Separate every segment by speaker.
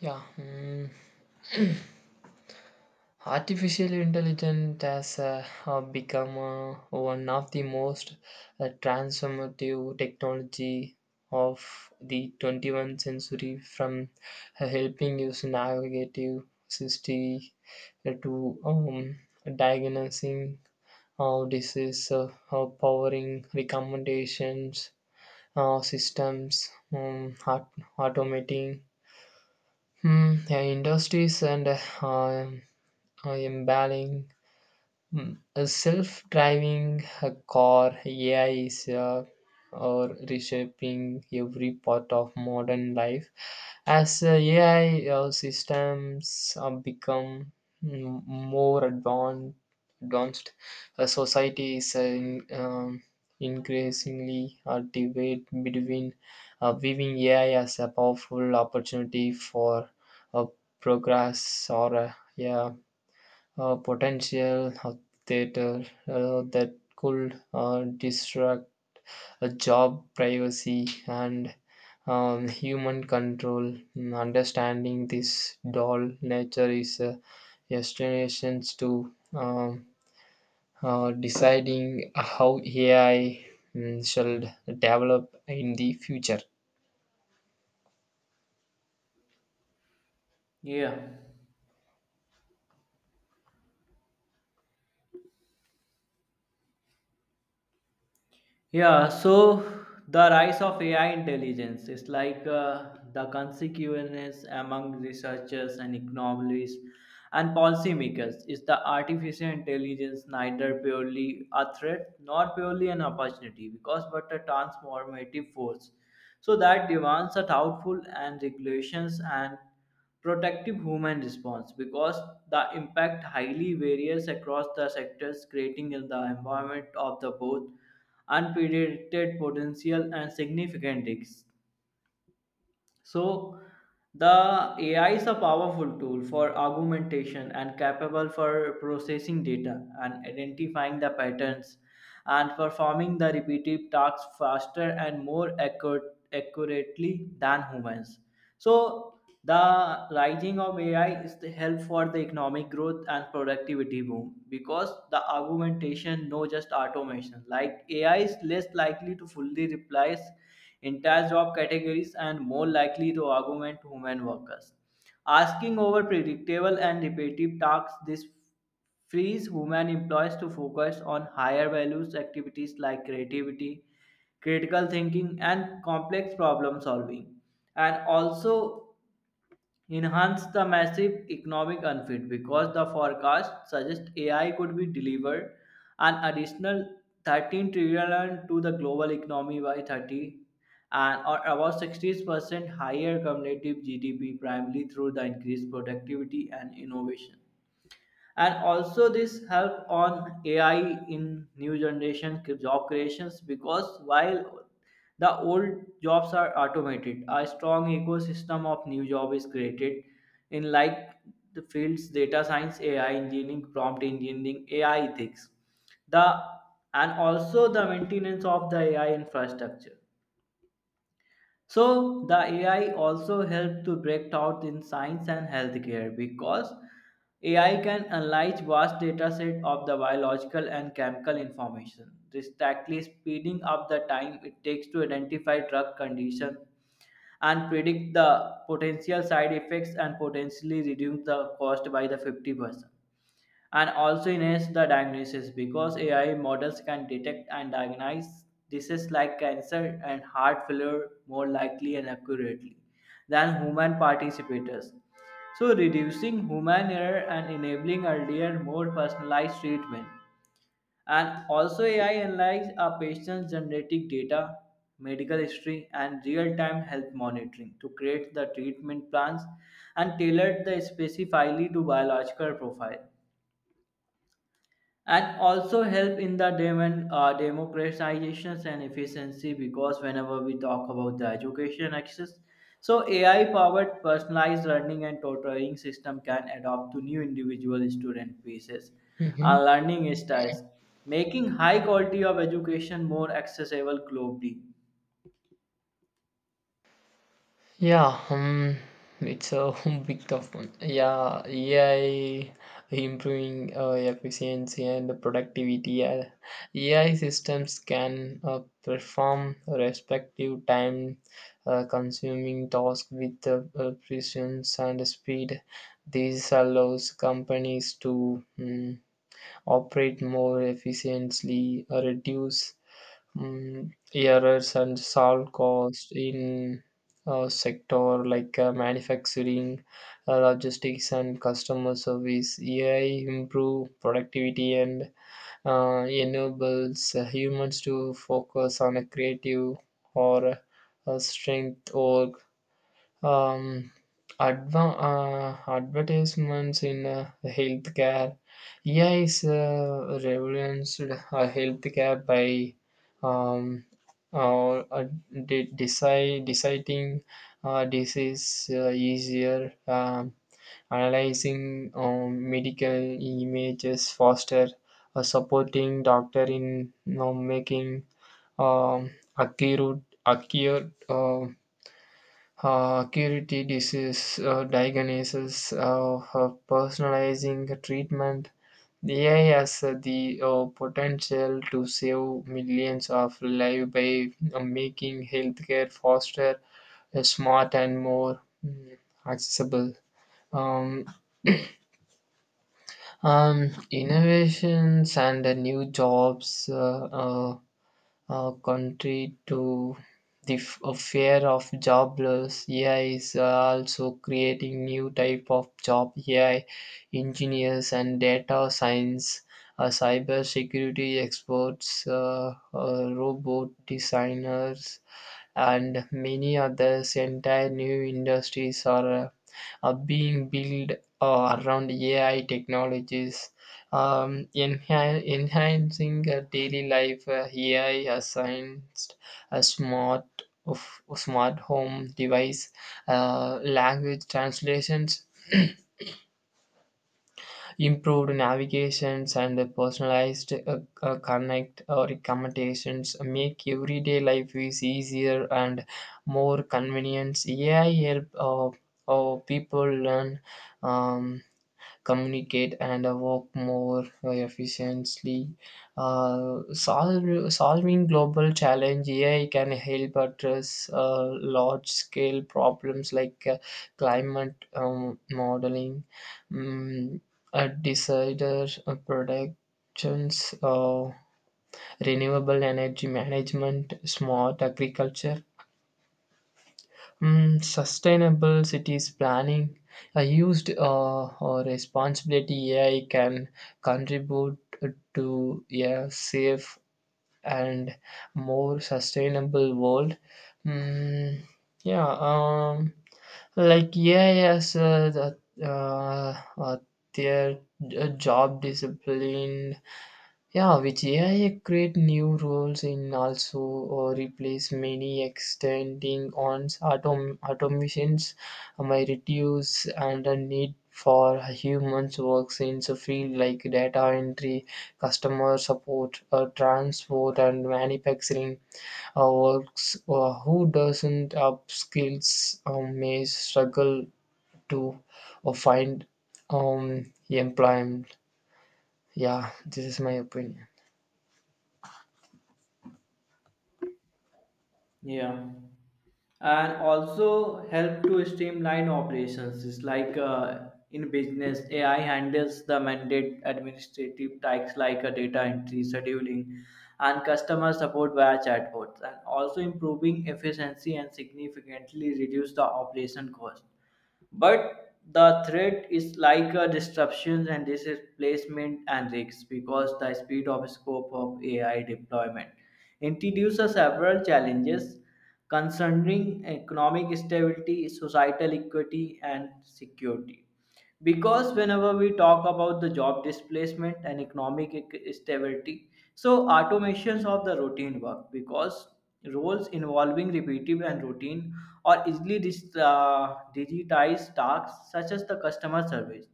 Speaker 1: Yeah. Mm. Artificial intelligence has become one of the most transformative technology of the 21st century, from helping us navigate city, to diagnosing disease, powering recommendations systems, um, aut- automating yeah, industries, and um, embalming. Hmm. A self-driving car AI is reshaping every part of modern life. As AI systems become more advanced, society is increasingly a debate between viewing AI as a powerful opportunity for uh, progress, or potential of theater that could disrupt a job, privacy, and human control. Understanding this doll nature is a destinations to deciding how AI shall develop in the future.
Speaker 2: Yeah. Yeah. So the rise of AI intelligence is like the consequence among researchers and economists and policymakers is the artificial intelligence neither purely a threat nor purely an opportunity because but a transformative force. So that demands a thoughtful and regulations and protective human response because the impact highly varies across the sectors, creating in the environment of the both unpredicted potential and significant risks, so the AI is a powerful tool for augmentation and capable for processing data and identifying the patterns and performing the repetitive tasks faster and more accurately than humans. So the rising of AI is the help for the economic growth and productivity boom because the augmentation, no just automation. Like AI is less likely to fully replace entire job categories, and more likely to augment human workers. Asking over predictable and repetitive tasks, this frees human employees to focus on higher values activities like creativity, critical thinking, and complex problem solving. And also, enhance the massive economic unfit because the forecast suggests AI could be delivered an additional 13 trillion to the global economy by 30 and or about 60% higher cumulative GDP primarily through the increased productivity and innovation, and also this help on ai in new generation job creations because while the old jobs are automated, a strong ecosystem of new job is created in like the fields data science, ai engineering, prompt engineering, ai ethics, the, and also the maintenance of the ai infrastructure. So the AI also helped to break out in science and healthcare because AI can analyze vast data set of the biological and chemical information, drastically speeding up the time it takes to identify drug condition and predict the potential side effects, and potentially reduce the cost by the 50%. And also enhance the diagnosis because AI models can detect and diagnose diseases like cancer and heart failure more likely and accurately than human participators. So, reducing human error and enabling earlier, more personalized treatment. And also, AI analyzes a patient's genetic data, medical history, and real time health monitoring to create the treatment plans and tailored the specifically to biological profile, and also help in the demand, democratisation and efficiency because whenever we talk about the education access, so ai powered personalized learning and tutoring system can adapt to new individual student pieces
Speaker 1: Mhm.
Speaker 2: and learning styles, making high quality of education more accessible globally.
Speaker 1: Yeah, it's a big tough one. Yeah, AI improving efficiency and productivity. AI systems can perform respective time consuming tasks with precision and speed. This allows companies to operate more efficiently, reduce errors, and solve costs in sector like manufacturing, logistics, and customer service. AI improve productivity and enables humans to focus on a creative or strength, or um, adva- advertisements in healthcare. AI is revolutionized healthcare by um, uh, uh, deciding disease easier, analyzing medical images faster, supporting doctor in you know, making um, accurate curity disease diagnosis, personalizing treatment. The ai has the potential to save millions of lives by making healthcare faster, smart, and more accessible. um, Innovations and new jobs: contrary to the fear of job loss, AI is also creating new type of job. AI engineers and data science, cyber security experts, robot designers, and many others. Entire new industries are being built around AI technologies, enhancing daily life. AI assigns a smart of smart home device, language translations, improved navigations, and the personalized connect or recommendations make everyday life is easier and more convenient. AI help people learn, um, communicate, and work more efficiently. Solving global challenge, AI can help address large scale problems like climate modeling, um, disaster predictions, renewable energy management, smart agriculture, sustainable cities planning. A used or responsibility AI can contribute to a safe and more sustainable world. Mm, yeah, um, like AI as the, uh, uh, their job discipline, yeah, which AI create new roles in, also, or replace many, extending on automations may reduce and the need for humans works in the field like data entry, customer support, transport, and manufacturing works. Who doesn't up skills may struggle to find employment. Yeah, this is my opinion.
Speaker 2: Yeah. And also help to streamline operations. It's like in business, AI handles the mandate administrative tasks like data entry, scheduling, and customer support via chatbots, and also improving efficiency and significantly reduce the operation cost. But the threat is like a disruption and displacement and risks because the speed of scope of AI deployment introduces several challenges concerning economic stability, societal equity, and security, because whenever we talk about the job displacement and economic stability, so automations of the routine work because roles involving repetitive and routine or easily digitized tasks such as the customer service,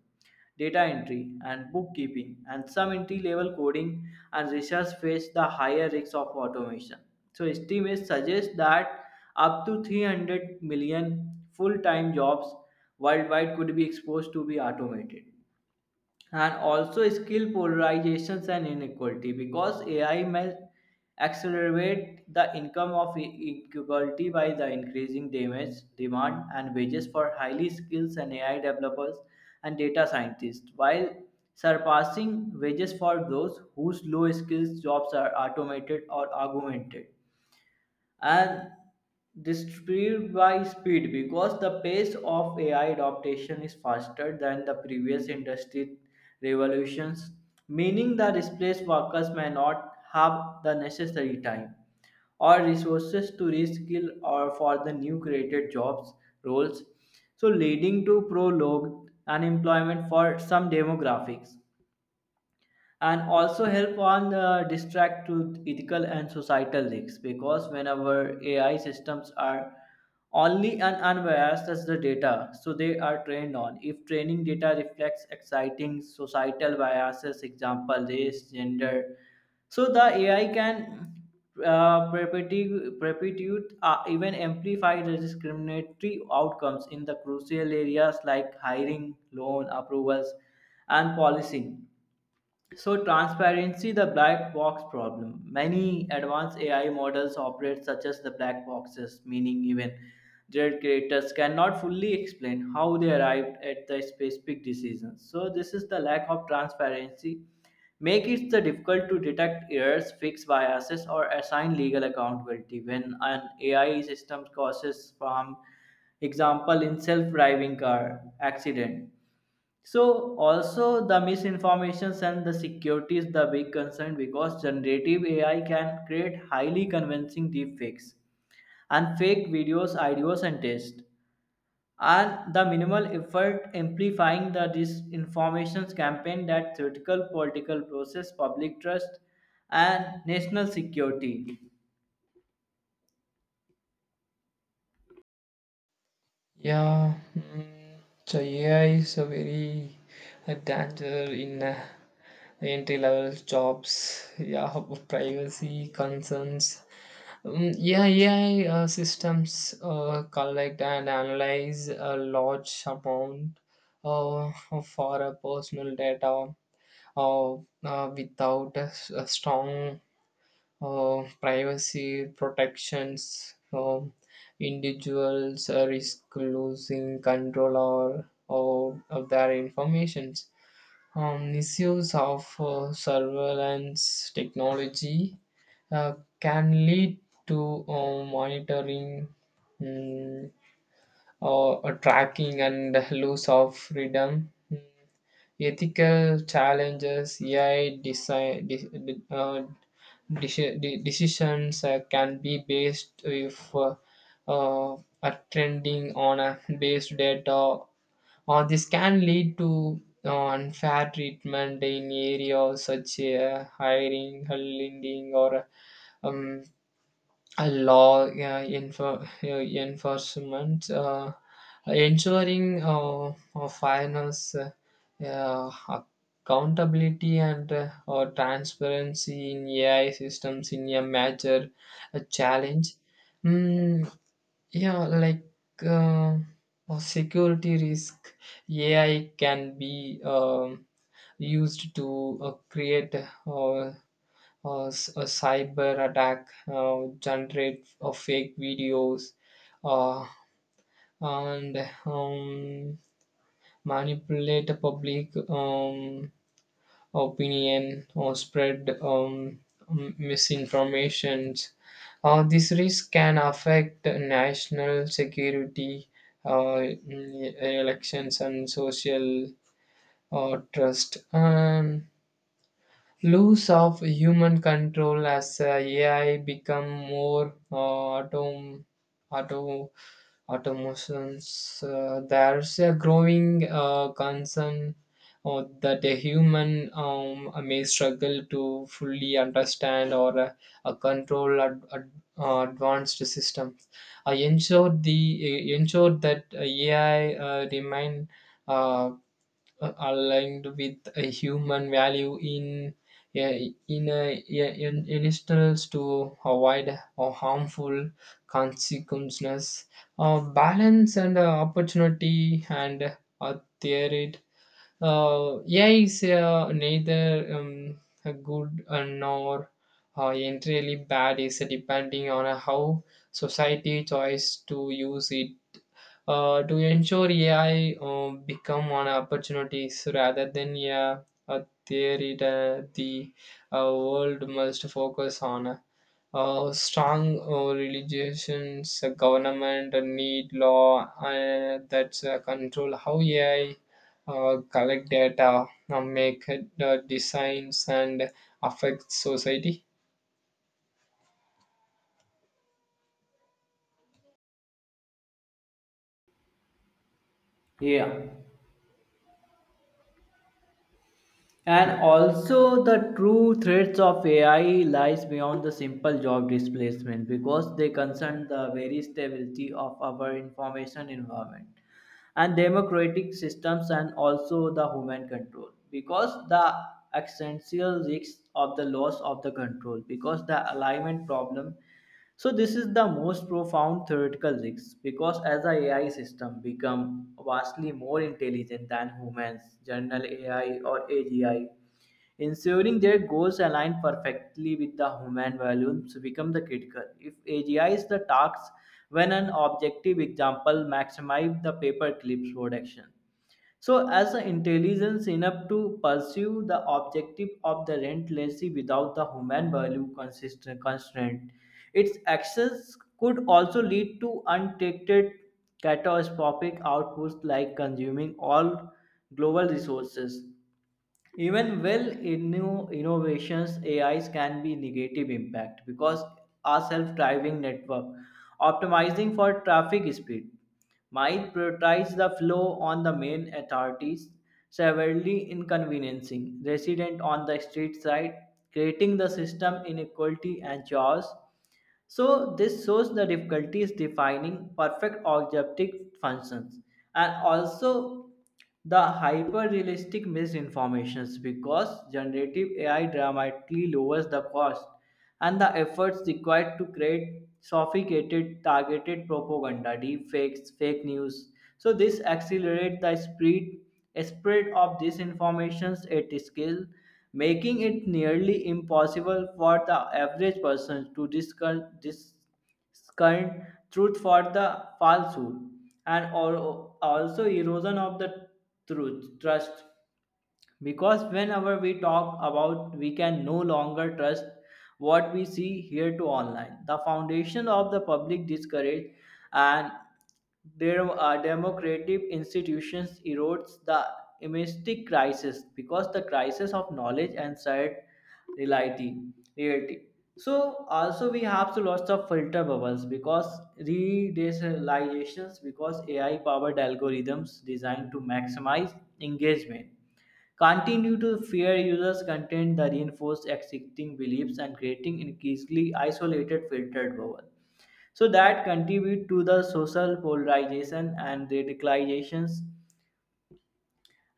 Speaker 2: data entry, and bookkeeping, and some entry level coding and research face the higher risks of automation. So, estimates suggest that up to 300 million full time jobs worldwide could be exposed to be automated, and also skill polarizations and inequality because AI may accelerate the income of inequality by the increasing damage, demand and wages for highly skilled and AI developers and data scientists, while surpassing wages for those whose low skills jobs are automated or augmented, and distributed by speed because the pace of AI adoption is faster than the previous industry revolutions, meaning the displaced workers may not have the necessary time or resources to reskill or for the new created jobs roles, so leading to prolonged unemployment for some demographics. And also help on distract to ethical and societal risks because whenever ai systems are only and unbiased as the data so they are trained on, if training data reflects exciting societal biases, example race gender, so the ai can perpetuate even amplify the discriminatory outcomes in the crucial areas like hiring, loan approvals, and policing. So transparency, the black box problem. Many advanced AI models operate such as the black boxes, meaning even their creators cannot fully explain how they arrived at the specific decisions. So this is the lack of transparency. Make it the difficult to detect errors, fix biases, or assign legal accountability when an AI system causes harm, example in self-driving car accident. So also the misinformations and the security is the big concern because generative AI can create highly convincing deepfakes and fake videos, ideas and tests. And the minimal effort amplifying the disinformation campaign that theoretical political process, public trust and national security.
Speaker 1: Yeah, so AI is a very a danger in entry level jobs. Yeah, privacy concerns. Yeah, AI systems collect and analyze a large amount uh, for a personal data. uh, Without a a strong privacy protections, individuals risk losing control or of their information. Misuse of surveillance technology uh, can lead to monitoring, mm, tracking, and loss of freedom. Ethical challenges: AI design, decisions can be based if uh, are trending on a based data, or this can lead to unfair treatment in areas such as hiring, lending, or um, a law, enforcement. Ensuring fairness, uh, accountability, and transparency in ai systems in a major challenge. mm, yeah like uh, Security risk: ai can be used to create uh, a cyber attack, generate of fake videos, uh, and um, manipulate the public opinion or spread misinformation. This risk can affect national security, uh, elections, and social trust. Loss of human control: as AI become more auto automations, there's a growing concern that a human may struggle to fully understand or control advanced systems. I ensure the Ensure that AI remain uh, aligned with a human value in an instance to avoid or harmful consequences. Balance and opportunity and uh, theory: AI is neither a good nor entirely bad, is depending on how society choice to use it. To ensure AI become an opportunities rather than a theory, that the uh, world must focus on strong religions. Government need law that control how AI collect data, make it, designs, and affect society.
Speaker 2: Yeah. And also, the true threats of AI lies beyond the simple job displacement because they concern the very stability of our information environment and democratic systems, and also the human control because the existential risks of the loss of the control because the alignment problem. So this is the most profound theoretical risk because as the AI system become vastly more intelligent than humans, general AI or AGI, ensuring their goals align perfectly with the human values become the critical. If AGI is the task when an objective example maximize the paperclip's production, so, as an intelligence enough to pursue the objective of the relentlessly without the human value consist constraint, its actions could also lead to untreated catastrophic outputs like consuming all global resources. Even well in new innovations ais can be negative impact because our self-driving network optimizing for traffic speed might prioritize the flow on the main authorities, severely inconveniencing resident on the street side, creating the system inequality and chaos. So this shows the difficulties defining perfect objective functions, and also the hyper-realistic misinformations because generative AI dramatically lowers the cost and the efforts required to create sophisticated targeted propaganda, deepfakes, fake news. So this accelerates the spread of disinformations at scale, making it nearly impossible for the average person to discern truth for the falsehood, and also erosion of the truth trust, because whenever we talk about, we can no longer trust what we see here to online, the foundation of the public discourage and their democratic institutions erodes the imistic crisis because the crisis of knowledge and shared reality reality. So also we have to lots of filter bubbles because re-desalizations because ai powered algorithms designed to maximize engagement continue to fear users' content that reinforce existing beliefs and creating increasingly isolated filtered bubble. So that contribute to the social polarization and radicalizations,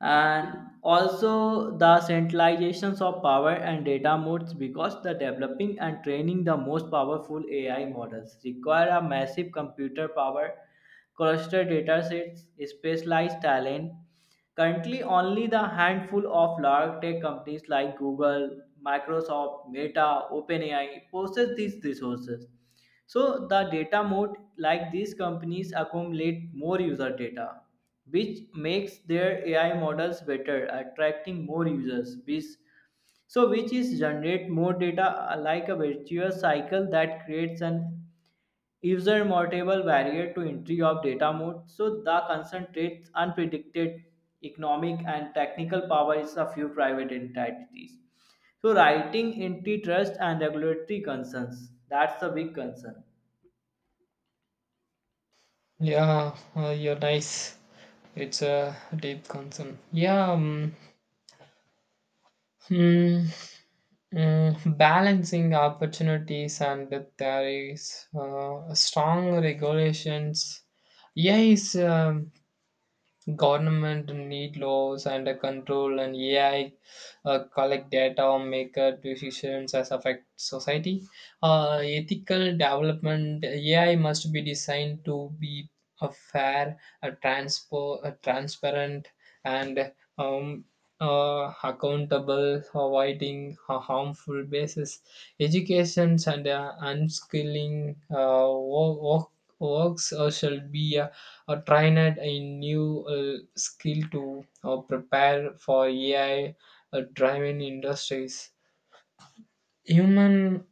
Speaker 2: and also the centralizations of power and data modes because the developing and training the most powerful ai models require a massive computer power cluster datasets specialized talent, currently only the handful of large tech companies like Google, Microsoft, Meta, OpenAI possess these resources. So the data mode, like these companies accumulate more user data, which makes their AI models better, attracting more users. Which, so which is generate more data like a virtuous cycle that creates an insurmountable barrier to entry of data mode. So the concentrates unpredicted economic and technical power is a few private entities. So writing antitrust and regulatory concerns. That's a big concern.
Speaker 1: Yeah, you're nice. It's a deep concern. Yeah. Hmm. Balancing opportunities, and the there is strong regulations. Yeah, is government need laws and control and AI collect data, make decisions as affect society. Ethical development: AI must be designed to be a fair, a transparent, and accountable, avoiding a harmful basis. Educations and unskilling works shall be or trained a new skill to prepare for AI driven industries. Human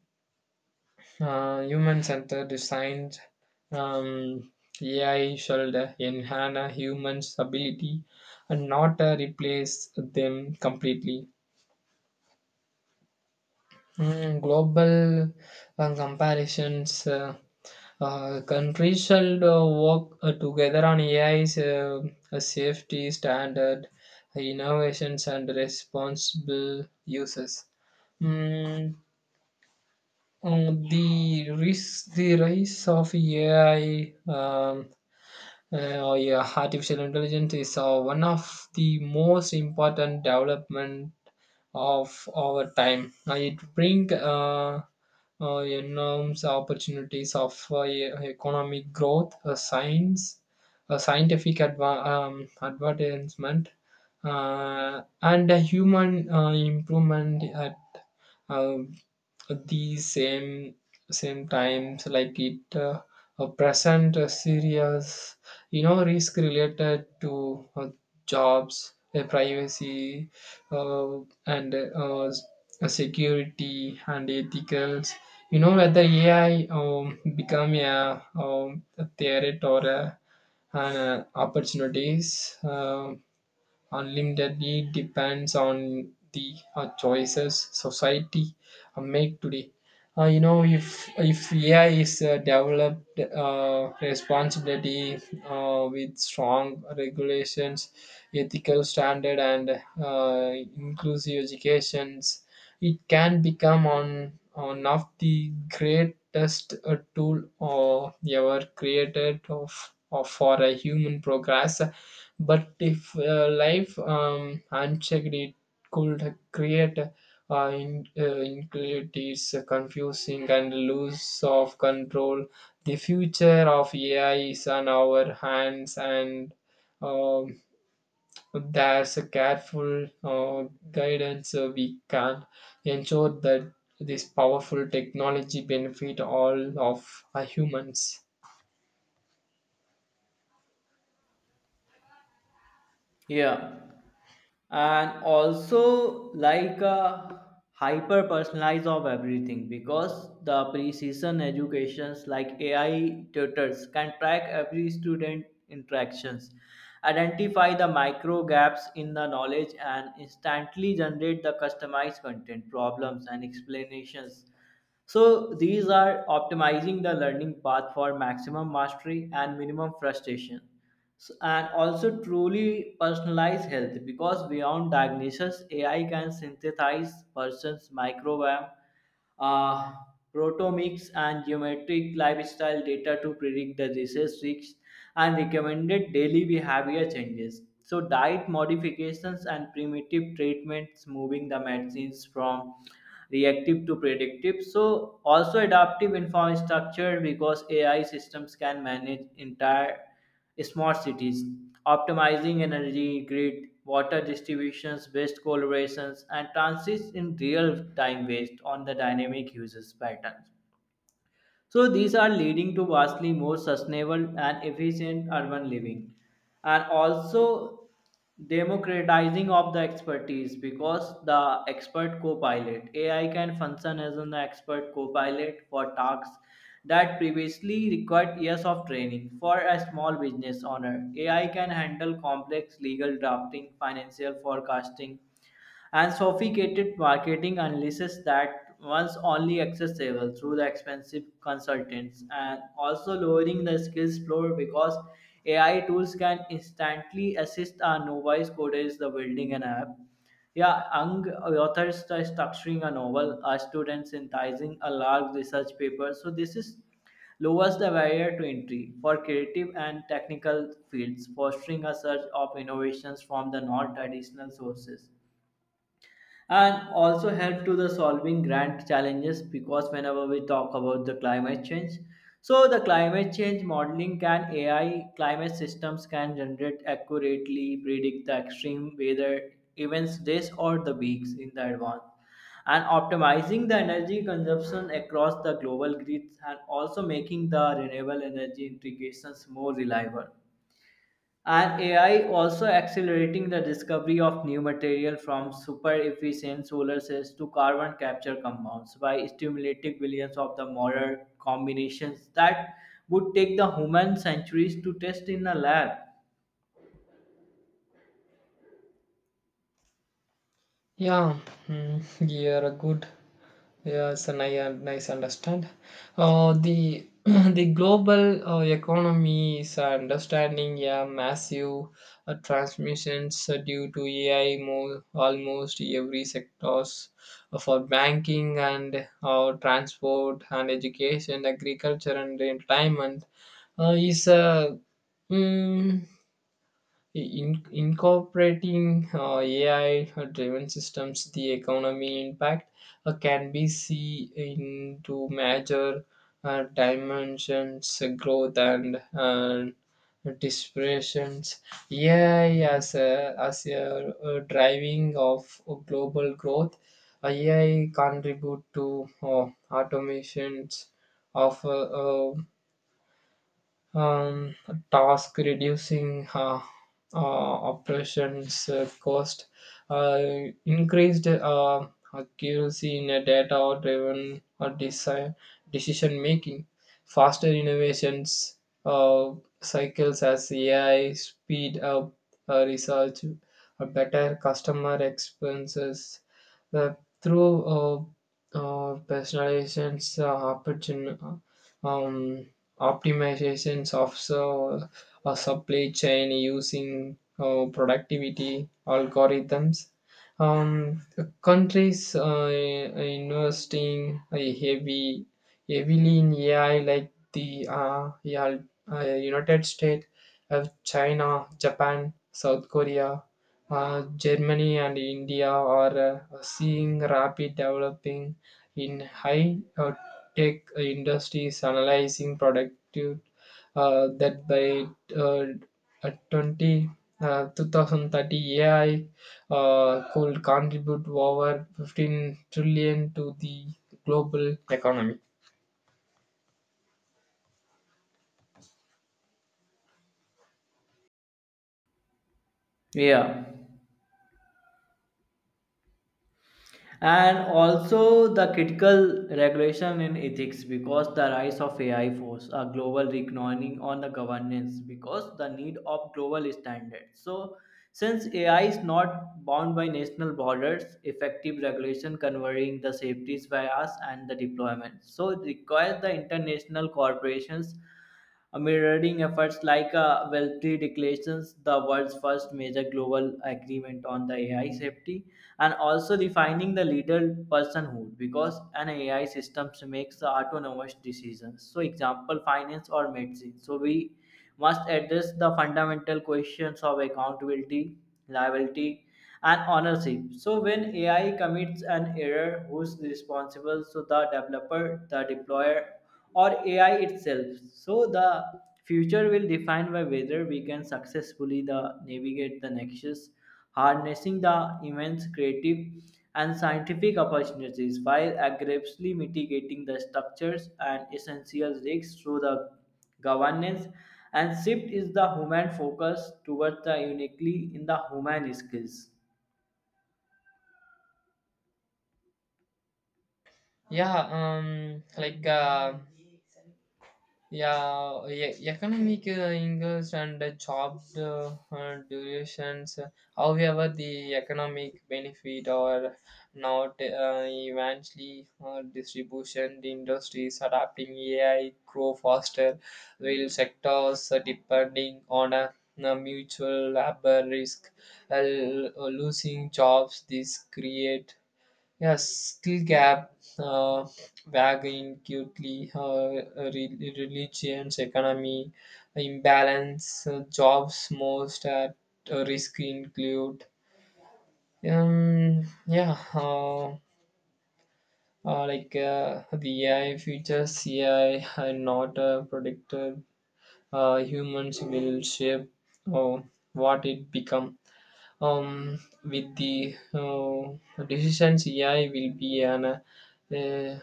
Speaker 1: Human centered design, um, AI should enhance a human's ability and not replace them completely. Global comparisons: countries should work together on AI's safety standard, innovations, and responsible uses. Mm, the risk, the rise of AI. Oh yeah, artificial intelligence is one of the most important development of our time. It brings enormous opportunities of economic growth, scientific advancement, and human improvement at uh, the same times. Like, it present a serious you know risk related to jobs, privacy, uh, and security and ethicals, you know, whether ai become a threat or an opportunities. Unlimitedly depends on the choices society make today. You know, if AI is developed responsibility, with strong regulations, ethical standard, and inclusive educations, it can become on one of the greatest tool ever created of for a human progress. But if life unchecked, it could create inequalities, confusing, and loss of control. The future of AI is on our hands, and um, there's a careful guidance we can ensure that this powerful technology benefit all of our humans.
Speaker 2: Yeah, and also like a hyper personalized of everything because the precision educations like AI tutors can track every student interactions, identify the micro gaps in the knowledge, and instantly generate the customized content, problems, and explanations, so these are optimizing the learning path for maximum mastery and minimum frustration. And also truly personalized health because beyond diagnosis, AI can synthesize person's microbiome, uh, proteomics, and geometric lifestyle data to predict the disease risks and recommended daily behavior changes. So, diet modifications and primitive treatments, moving the medicines from reactive to predictive. So, also adaptive informed structure because AI systems can manage entire smart cities, optimizing energy grid, water distributions, waste collaborations, and transits in real time based on the dynamic users patterns. So these are leading to vastly more sustainable and efficient urban living, and also democratizing of the expertise because the expert co-pilot AI can function as an expert co-pilot for tasks that previously required years of training. For a small business owner, AI can handle complex legal drafting, financial forecasting, and sophisticated marketing analysis that once only accessible through the expensive consultants, and also lowering the skills floor because AI tools can instantly assist our novice coders the building an app. Yeah, young authors are structuring a novel, a student synthesizing a large research paper. So this is lowers the barrier to entry for creative and technical fields, fostering a surge of innovations from the non-traditional sources, and also help to the solving grand challenges because whenever we talk about the climate change, so the climate change modeling can ai climate systems can generate accurately predict the extreme weather events days or the weeks in the advance, and optimizing the energy consumption across the global grids and also making the renewable energy integrations more reliable, and AI also accelerating the discovery of new material from super efficient solar cells to carbon capture compounds by stimulating billions of the model combinations that would take the human centuries to test in a lab.
Speaker 1: Yeah, you're a good. Yes, and nice understand. The the global economy is understanding yeah massive transmissions due to AI, more almost every sectors for banking, and transport, and education, agriculture, and entertainment is a incorporating AI-driven systems. The economy impact can be seen into major dimensions, growth, and dispersions. AI as a driving of global growth, AI contribute to automations of um, task, reducing uh, operations cost, uh, increased accuracy in a data driven or decision making, faster innovations uh, cycles as AI speed up research, better customer expenses uh, through personalizations, um, optimizations of so, a supply chain using productivity algorithms. Um, Countries investing heavily in AI, like the United States, China, Japan, South Korea, Germany, and India, are seeing rapid developing in high tech industry, is analyzing productive that by uh, 20 2030 AI could contribute over 15 trillion to the global economy.
Speaker 2: Yeah. And also the critical regulation in ethics because the rise of ai force a global reckoning on the governance because the need of global standards, so since ai is not bound by national borders, effective regulation converging the safeties bias and the deployment, so it requires the international corporations mirroring efforts like Wealthy declarations, the world's first major global agreement on the AI safety, and also defining the legal personhood because an AI system makes the autonomous decisions. So, example, finance or medicine. So, we must address the fundamental questions of accountability, liability, and ownership. So, when AI commits an error, who's responsible? So, the developer, the deployer, or AI itself. So, the future will define by whether we can successfully the navigate the nexus, harnessing the immense creative and scientific opportunities while aggressively mitigating the structures and essential risks through the governance, and shift is the human focus towards the uniquely in the human skills
Speaker 1: Yeah, Yeah, economic angles and job durations. However, the economic benefit are not eventually distribution. The industries adapting AI grow faster, while sectors depending on a mutual labor risk uh, losing jobs. This create, Yes, skill gap, uh, wagging cutely, religions, economy, imbalance, jobs most at risk include. Um, yeah, uh, the AI features, AI are not predicted. Humans will shape uh, what it becomes. With the decisions AI will be an uh,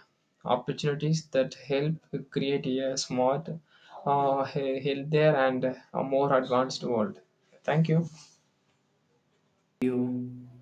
Speaker 1: opportunities that help create a smart, healthier, and a more advanced world. Thank you.
Speaker 2: you